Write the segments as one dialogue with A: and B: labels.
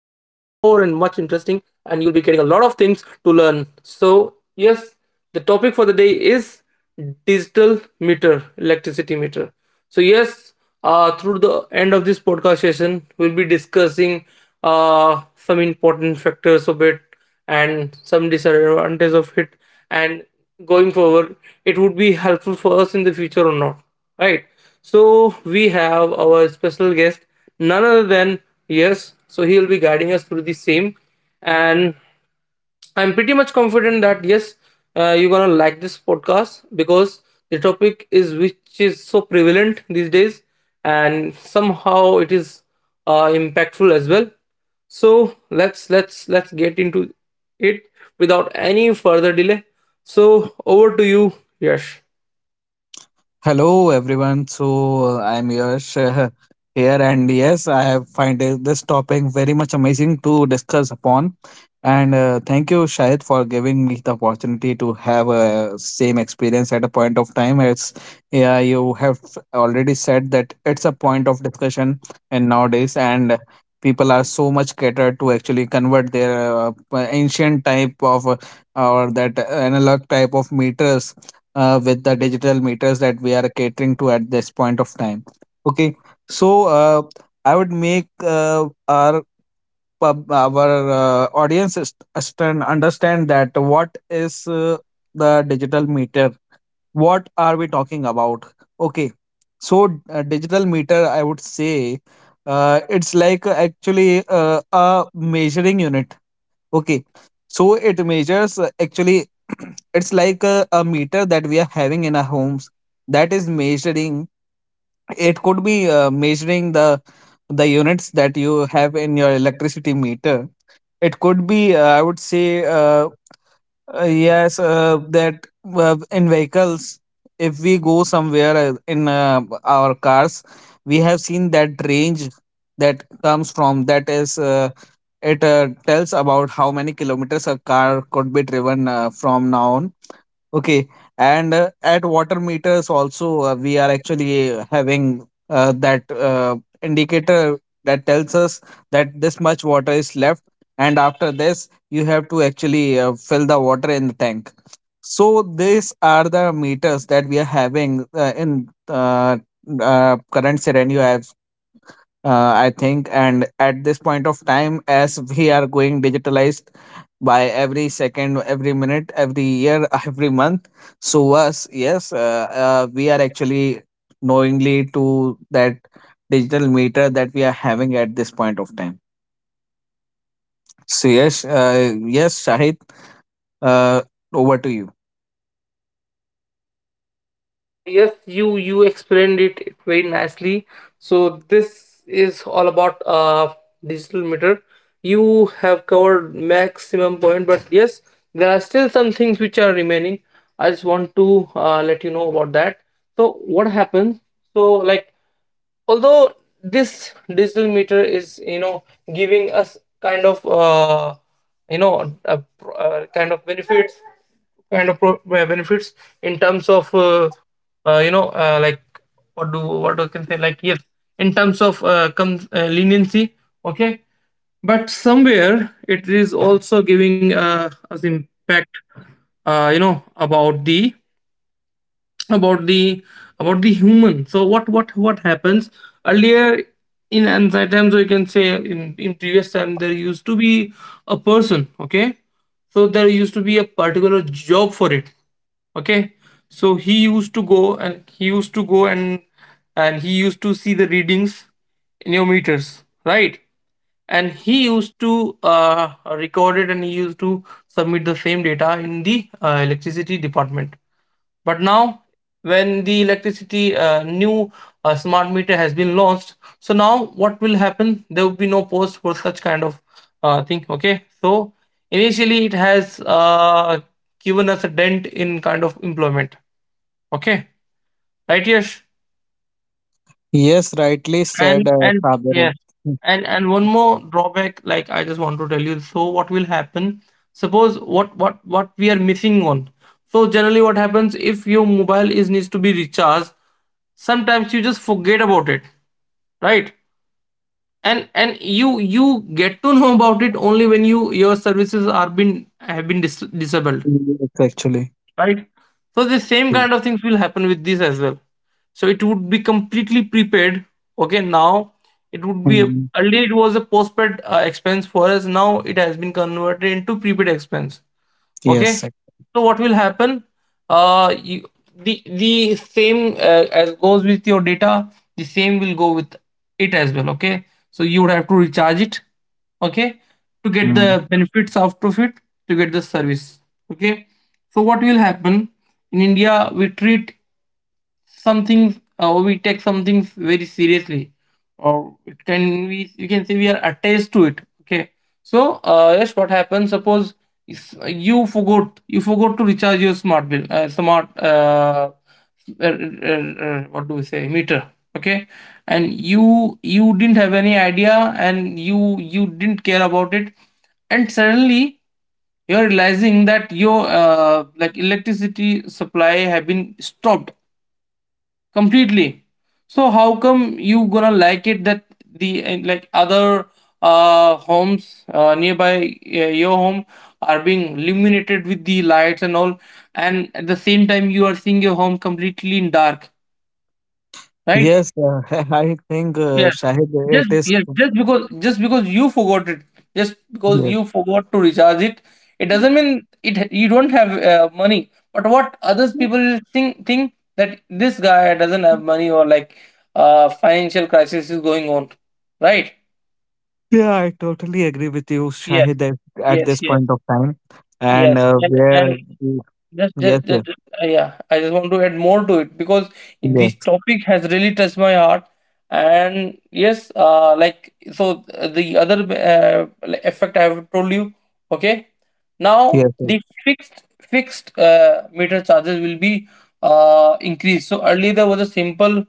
A: interesting, and you'll be getting a lot of things to learn. So yes, the topic for the day is digital meter, electricity meter. So yes, through the end of this podcast session, we'll be discussing some important factors of it and some disadvantages of it, and going forward, it would be helpful for us in the future or not, right? So we have our special guest, none other than, yes, so he'll be guiding us through the same. And I'm pretty much confident that yes, you're gonna like this podcast because the topic is which is so prevalent these days, and somehow it is impactful as well. So let's get into it without any further delay. So over to you, Yash.
B: Hello everyone. So I'm Yash here, and yes, I have find this topic very much amazing to discuss upon. And thank you, Shahid, for giving me the opportunity to have a same experience at a point of time. As yeah, you have already said that it's a point of discussion, and nowadays, and people are so much catered to actually convert their uh, ancient type of or that analog type of meters with the digital meters that we are catering to at this point of time. Okay, so I would make our audience understand that what is the digital meter? What are we talking about? Okay, so digital meter, I would say. It's like actually a measuring unit. Okay. So it measures actually it's like a meter that we are having in our homes, that is measuring. It could be measuring the units that you have in your electricity meter. It could be I would say, yes, that in vehicles, if we go somewhere in our cars, we have seen that range that comes from, that is it tells about how many kilometers a car could be driven from now on. Okay, and at water meters also, we are actually having that indicator that tells us that this much water is left, and after this you have to actually fill the water in the tank. So these are the meters that we are having in current scenario. I think and at this point of time, as we are going digitalized by every second, every minute, every year, every month, so us yes we are actually knowingly to that digital meter that we are having at this point of time. So yes, Shahid, uh, over to you.
A: Yes, you explained it very nicely. So this is all about digital meter. You have covered maximum point, but yes, there are still some things which are remaining. I just want to let you know about that. So what happens? So like, although this digital meter is, you know, giving us kind of you know, kind of benefits, benefits in terms of you know, like what do what we can say, like yes, in terms of leniency, okay, but somewhere it is also giving us impact you know, about the, about the, about the human. So what happens earlier, in ancient times, or you can say in previous time, there used to be a person, okay? So there used to be a particular job for it, okay? So he used to go, and he used to see the readings in your meters, right? And he used to record it, and he used to submit the same data in the electricity department. But now, when the electricity new smart meter has been launched, so now what will happen? There will be no post for such kind of thing. Okay, so initially it has given us a dent in kind of employment. Okay, right, Yash?
B: Yes, rightly said,
A: And and
B: Saber.
A: yes, and one more drawback, like I just want to tell you. So what will happen? Suppose what we are missing on. So generally, what happens if your mobile is needs to be recharged? Sometimes you just forget about it, right? And you get to know about it only when you your services are been have been disabled,
B: Yes, actually.
A: right? So the same kind of things will happen with this as well. So it would be completely prepaid. Okay, now it would be a,
B: Mm.
A: earlier it was a postpaid expense for us. Now it has been converted into prepaid expense. Okay,
B: Yes.
A: so what will happen, uh, you, the same as goes with your data, the same will go with it as well. Okay, so you would have to recharge it, okay, to get the benefits out of it, to get the service, okay. So what will happen, in India we treat some things, we take some things very seriously, or it can we you can say we are attached to it, okay. So yes, what happens, suppose you forgot to recharge your smart what do we say meter, okay, and you didn't have any idea, and you didn't care about it, and suddenly you're realizing that your like electricity supply have been stopped. Completely. So how come you gonna like it that the, and like other homes nearby your home are being illuminated with the lights and all, and at the same time you are seeing your home completely in dark, right?
B: Yes, I think, Shahid, it is.
A: Just because you forgot it, just because
B: Yes.
A: you forgot to recharge it, it doesn't mean it you don't have money. But what others people think that this guy doesn't have money, or like financial crisis is going on, right?
B: Yeah, I totally agree with you,
A: Yes,
B: Shahid, at
A: yes,
B: this
A: yes,
B: point of time. And
A: yes.
B: uh, where,
A: And
B: we-
A: Just,
B: yes, yes,
A: yeah. I just want to add more to it because this
B: yes,
A: topic has really touched my heart. And yes, like so, the other like effect I have told you. Okay, now
B: yes, yes.
A: the fixed meter charges will be increased. So earlier there was a simple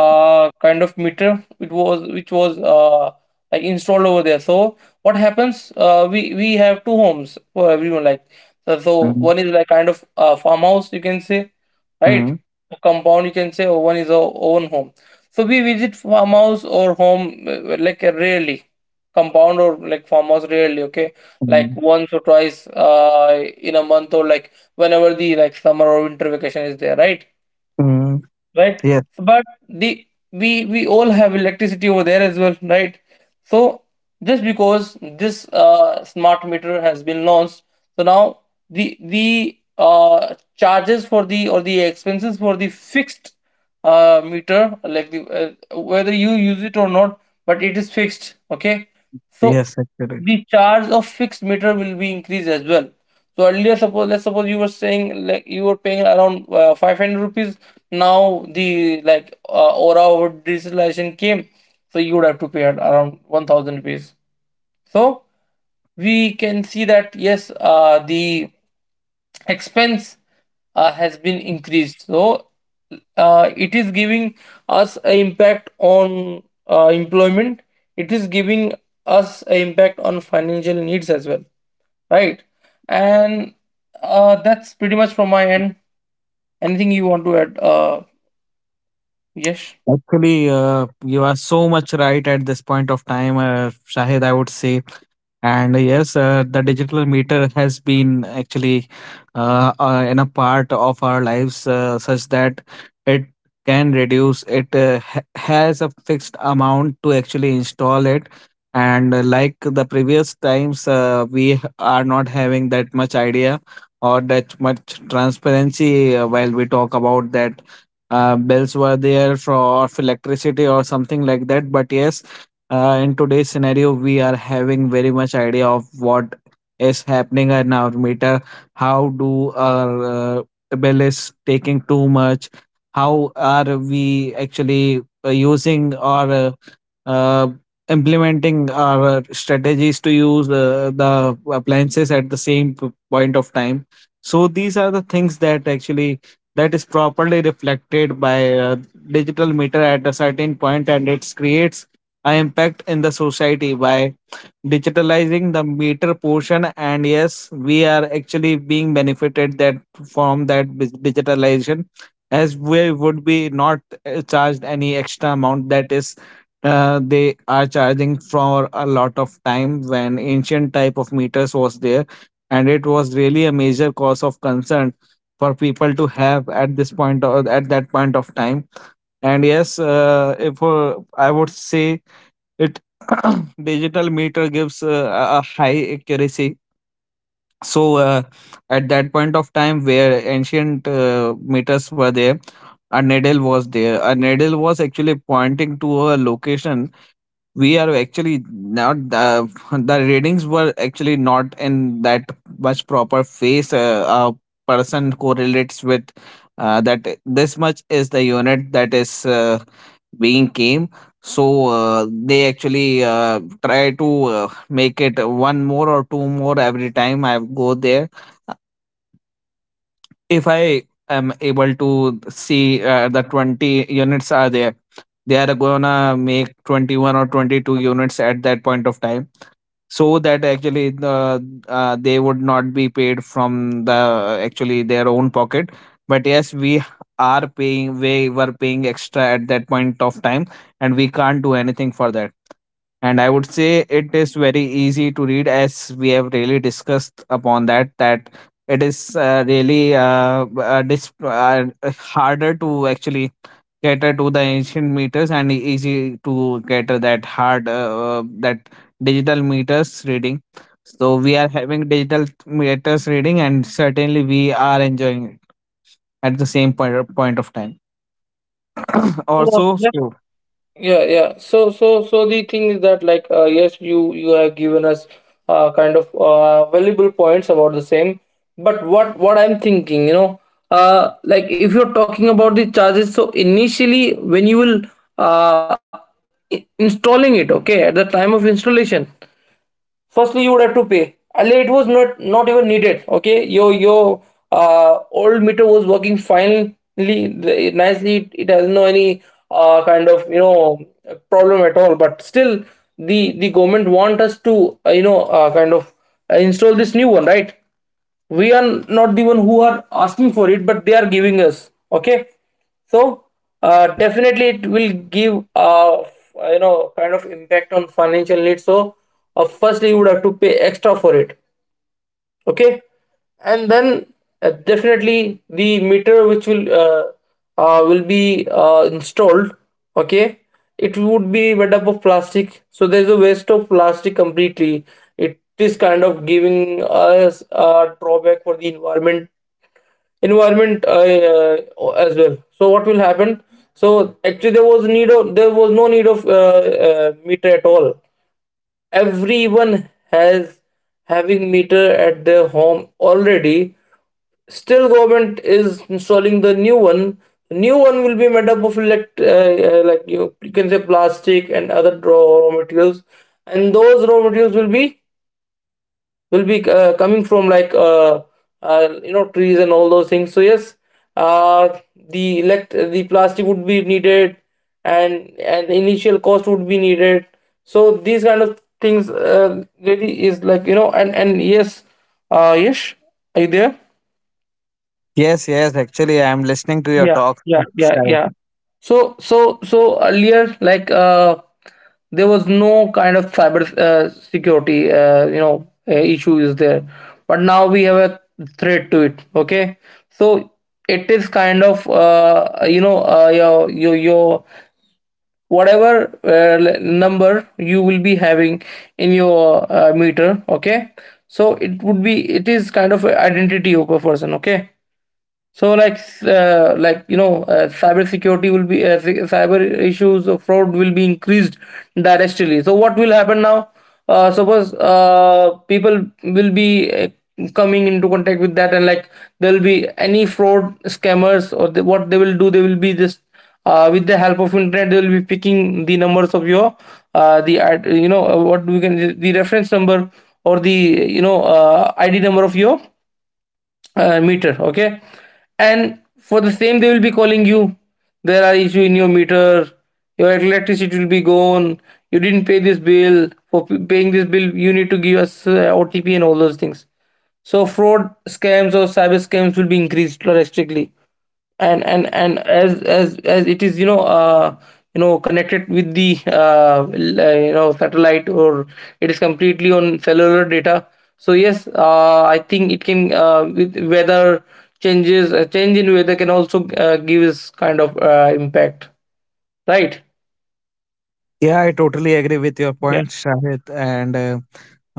A: kind of meter. It was which was like installed over there. So what happens? We have two homes for everyone. Like so
B: Mm,
A: one is like kind of a farmhouse, you can say, right?
B: mm,
A: A compound, you can say, or one is our own home. So we visit farmhouse or home like rarely, compound or like farmhouse rarely. Okay, like
B: mm,
A: once or twice in a month, or like whenever the like summer or winter vacation is there, right?
B: mm.
A: Right.
B: Yes,
A: So, but the, we all have electricity over there as well, right? So, just because this smart meter has been launched, so now the charges for the, or the expenses for the fixed meter, like the, whether you use it or not, but it is fixed, okay. So
B: yes, actually.
A: the charge of fixed meter will be increased as well. So earlier, suppose, let's suppose you were saying like you were paying around 500 rupees. Now the, like, aura of digitalization came, so you would have to pay at around 1,000 rupees. So we can see that yes, the expense has been increased. So it is giving us an impact on employment. It is giving us an impact on financial needs as well, right? And that's pretty much from my end. Anything you want to add, yes.
B: Actually, you are so much right at this point of time, Shahid, I would say. And yes, the digital meter has been actually in a part of our lives such that it can reduce. It has a fixed amount to actually install it. And like the previous times, we are not having that much idea or that much transparency while we talk about that. Bills were there for of electricity or something like that. But yes, in today's scenario, we are having very much idea of what is happening in our meter. How do our bill is taking too much? How are we actually using or uh, implementing our strategies to use the appliances at the same point of time? So these are the things that actually that is properly reflected by digital meter at a certain point, and it creates I impact in the society by digitalizing the meter portion, and yes, we are actually being benefited that from that digitalization, as we would be not charged any extra amount that is they are charging for a lot of time when ancient type of meters was there, and it was really a major cause of concern for people to have at this point or at that point of time. And yes, if I would say it digital meter gives a high accuracy. So at that point of time where ancient meters were there, a needle was actually pointing to a location. We are actually not the readings were actually not in that much proper phase. A person correlates with that this much is the unit that is being came. So they actually try to make it one more or two more every time I go there. If I am able to see the 20 units are there, they are gonna make 21 or 22 units at that point of time. So that actually they would not be paid from the actually their own pocket. But yes, we are paying we were paying extra at that point of time, and we can't do anything for that. And I would say it is very easy to read, as we have really discussed upon that it is really harder to actually cater to the ancient meters, and easy to cater that digital meters reading. So we are having digital meters reading, and certainly we are enjoying it at the same point of time
A: So,
B: also.
A: yes.
B: So,
A: Yeah, yeah. So, so, so the thing is that, like, yes, you have given us kind of valuable points about the same. But what I'm thinking, you know, like if you're talking about the charges, so initially when you will uh installing it, okay, at the time of installation, firstly you would have to pay, earlier it was not even needed, okay, your old meter was working finely, nicely, it has no any kind of, you know, problem at all. But still the government want us to you know, kind of install this new one, right? We are not the one who are asking for it, but they are giving us, okay. So
B: yeah.
A: definitely it will give you know, kind of impact on financial needs. So firstly you would have to pay extra for it, okay. And then definitely the meter which will be installed, okay, it would be made up of plastic, so there's a waste of plastic completely. It is kind of giving us a drawback for the environment, as well. So what will happen? So actually there was need of there was no need of meter at all. Everyone has having meter at their home already. Still government is installing the new one. New one will be made up of like you can say, plastic and other raw materials. And those raw materials will be, will be coming from like you know, trees and all those things. So yes, uh, the elect the plastic would be needed, and an initial cost would be needed. So these kind of things really is like, you know. And yes, yes, are you there?
B: Yes, yes, actually I am listening to your
A: Yeah,
B: talk.
A: yeah, yeah, yeah. So, so, so earlier, like, there was no kind of cyber security, you know, issue is there, but now we have a threat to it. Okay, so it is kind of, you know, your your whatever number you will be having in your meter. Okay, so it would be, it is kind of a identity of a person. Okay. So like like, you know, cyber security will be cyber issues of fraud will be increased directly. So what will happen now? Suppose people will be coming into contact with that, and like there will be any fraud scammers, or they, what they will do, they will be just with the help of internet they will be picking the numbers of your you know, what we can, the reference number or the, you know, id number of your meter, okay. And for the same they will be calling you, there are issue in your meter, your electricity will be gone, you didn't pay this bill, for paying this bill you need to give us OTP and all those things. So fraud scams or cyber scams will be increased drastically. And as it is, you know, you know, connected with the you know, satellite, or it is completely on cellular data. So yes, I think it can uh, with weather changes, a change in weather can also give us kind of impact, right?
B: Yeah, I totally agree with your
A: Yeah.
B: point, Shahid. And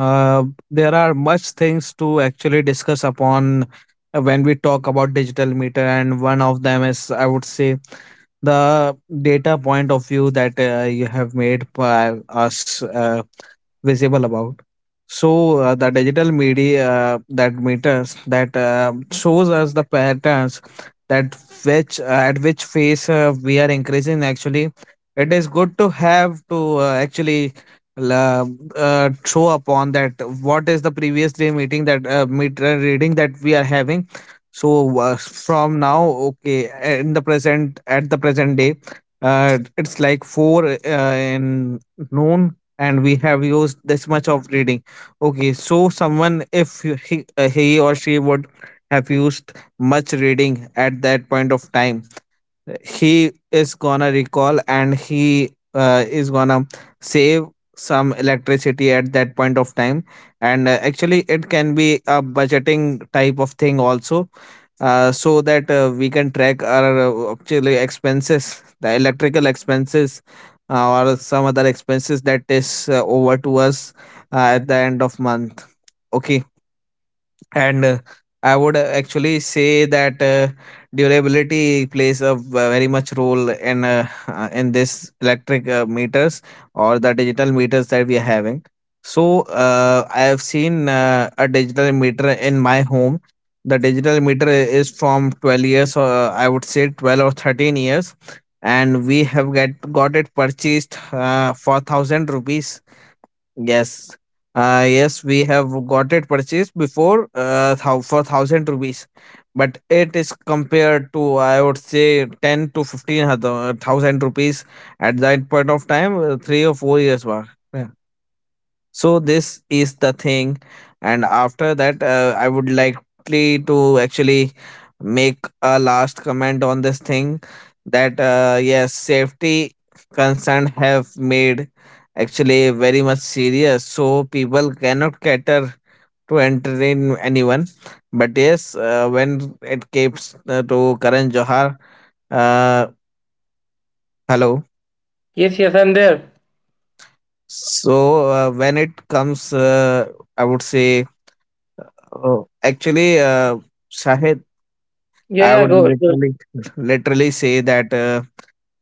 B: uh, there are much things to actually discuss upon when we talk about digital meter. And one of them is, I would say, the data point of view that you have made by us visible about. So the digital media that meters that shows us the patterns, that which at which phase we are increasing actually. It is good to have to actually la- show upon that what is the previous day meeting, that reading that we are having. So from now, okay, in the present, at the present day, it's like four in noon, and we have used this much of reading. Okay, so someone, if he or she would have used much reading at that point of time, he is gonna recall, and he is gonna save some electricity at that point of time. And actually, it can be a budgeting type of thing also, so that we can track our actually expenses, the electrical expenses, or some other expenses that is over to us at the end of month. Okay. And I would actually say that durability plays a very much role in this electric meters or the digital meters that we are having. So I have seen a digital meter in my home. The digital meter is from 12 years, or I would say 12 or 13 years, and we have get got it purchased for 1000 rupees. Yes. Yes, we have got it purchased before for 1,000 rupees, but it is compared to, I would say, ten to fifteen thousand rupees at that point of time, 3 or 4 years back. So this is the thing, and after that, I would likely to actually make a last comment on this thing, that yes, safety concern have made actually very much serious, so people cannot cater to entertain anyone. But yes, when it comes to Karan Johar, uh, hello.
A: Yes, yes, I'm there.
B: So when it comes, I would say, oh, actually, Shahid, I
A: Yeah, yeah,
B: would
A: go, go.
B: literally, literally say that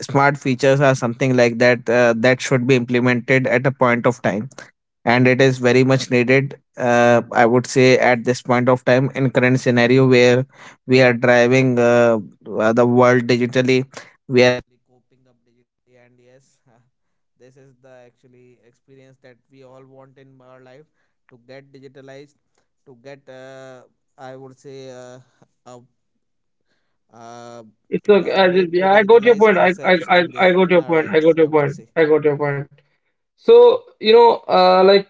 B: smart features are something like that that should be implemented at a point of time, and it is very much needed. I would say at this point of time, in current scenario where we are driving the world digitally,
A: It's okay. I just, yeah, I got your point. I got your point. I got your point. I got your point. So, you know, like,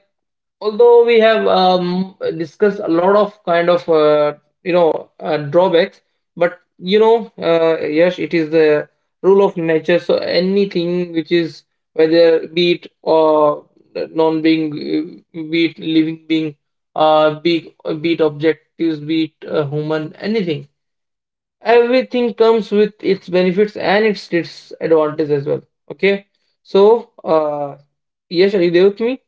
A: although we have discussed a lot of kind of you know, drawbacks, but you know yes, it is the rule of nature. So anything which is, whether be it or non-being be it living being uh, be, be it objectives, be it human, anything, everything comes with its benefits and its advantages as well, okay. So uh, yes, are you there with me?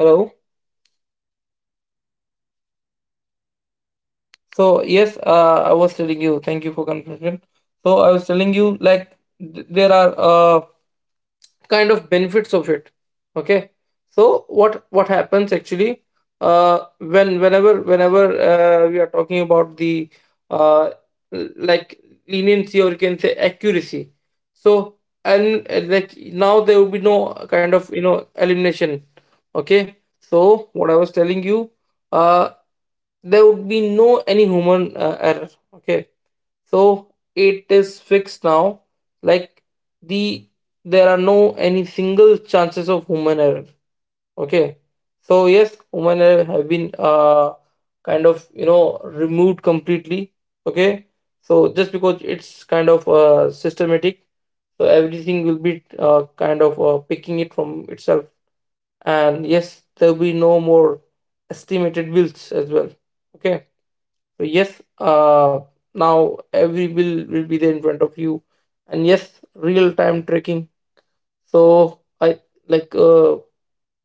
A: Hello. So yes, I was telling you. Thank you for confirmation. So I was telling you, like, there are kind of benefits of it. Okay. So what happens actually? When whenever we are talking about the uh, like leniency or you can say accuracy. So and like now there will be no kind of, you know, elimination. Okay. So what I was telling you, uh, there would be no any human error, okay. So it is fixed now, like, the, there are no any single chances of human error, okay. So yes, human error have been kind of, you know, removed completely, okay. So just because it's kind of systematic, so everything will be kind of picking it from itself. And yes, there will be no more estimated bills as well, okay. So yes, now every bill will be there in front of you, and yes, real time tracking. So I like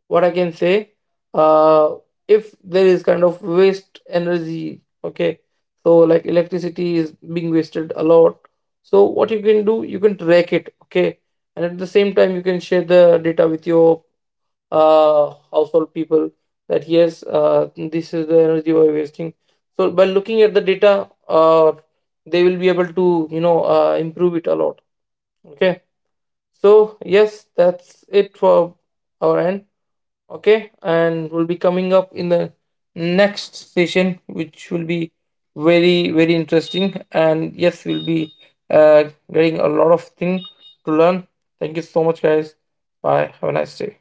A: what I can say. Uh, if there is kind of waste energy, okay, so like electricity is being wasted a lot. So what you can do, you can track it, okay, and at the same time you can share the data with your household people, that yes, this is the energy we're wasting. So by looking at the data, they will be able to, you know, improve it a lot. Okay, so yes, that's it for our end. Okay, and we'll be coming up in the next session, which will be very very interesting. And yes, we'll be uh, getting a lot of thing to learn. Thank you so much, guys. Bye. Have a nice day.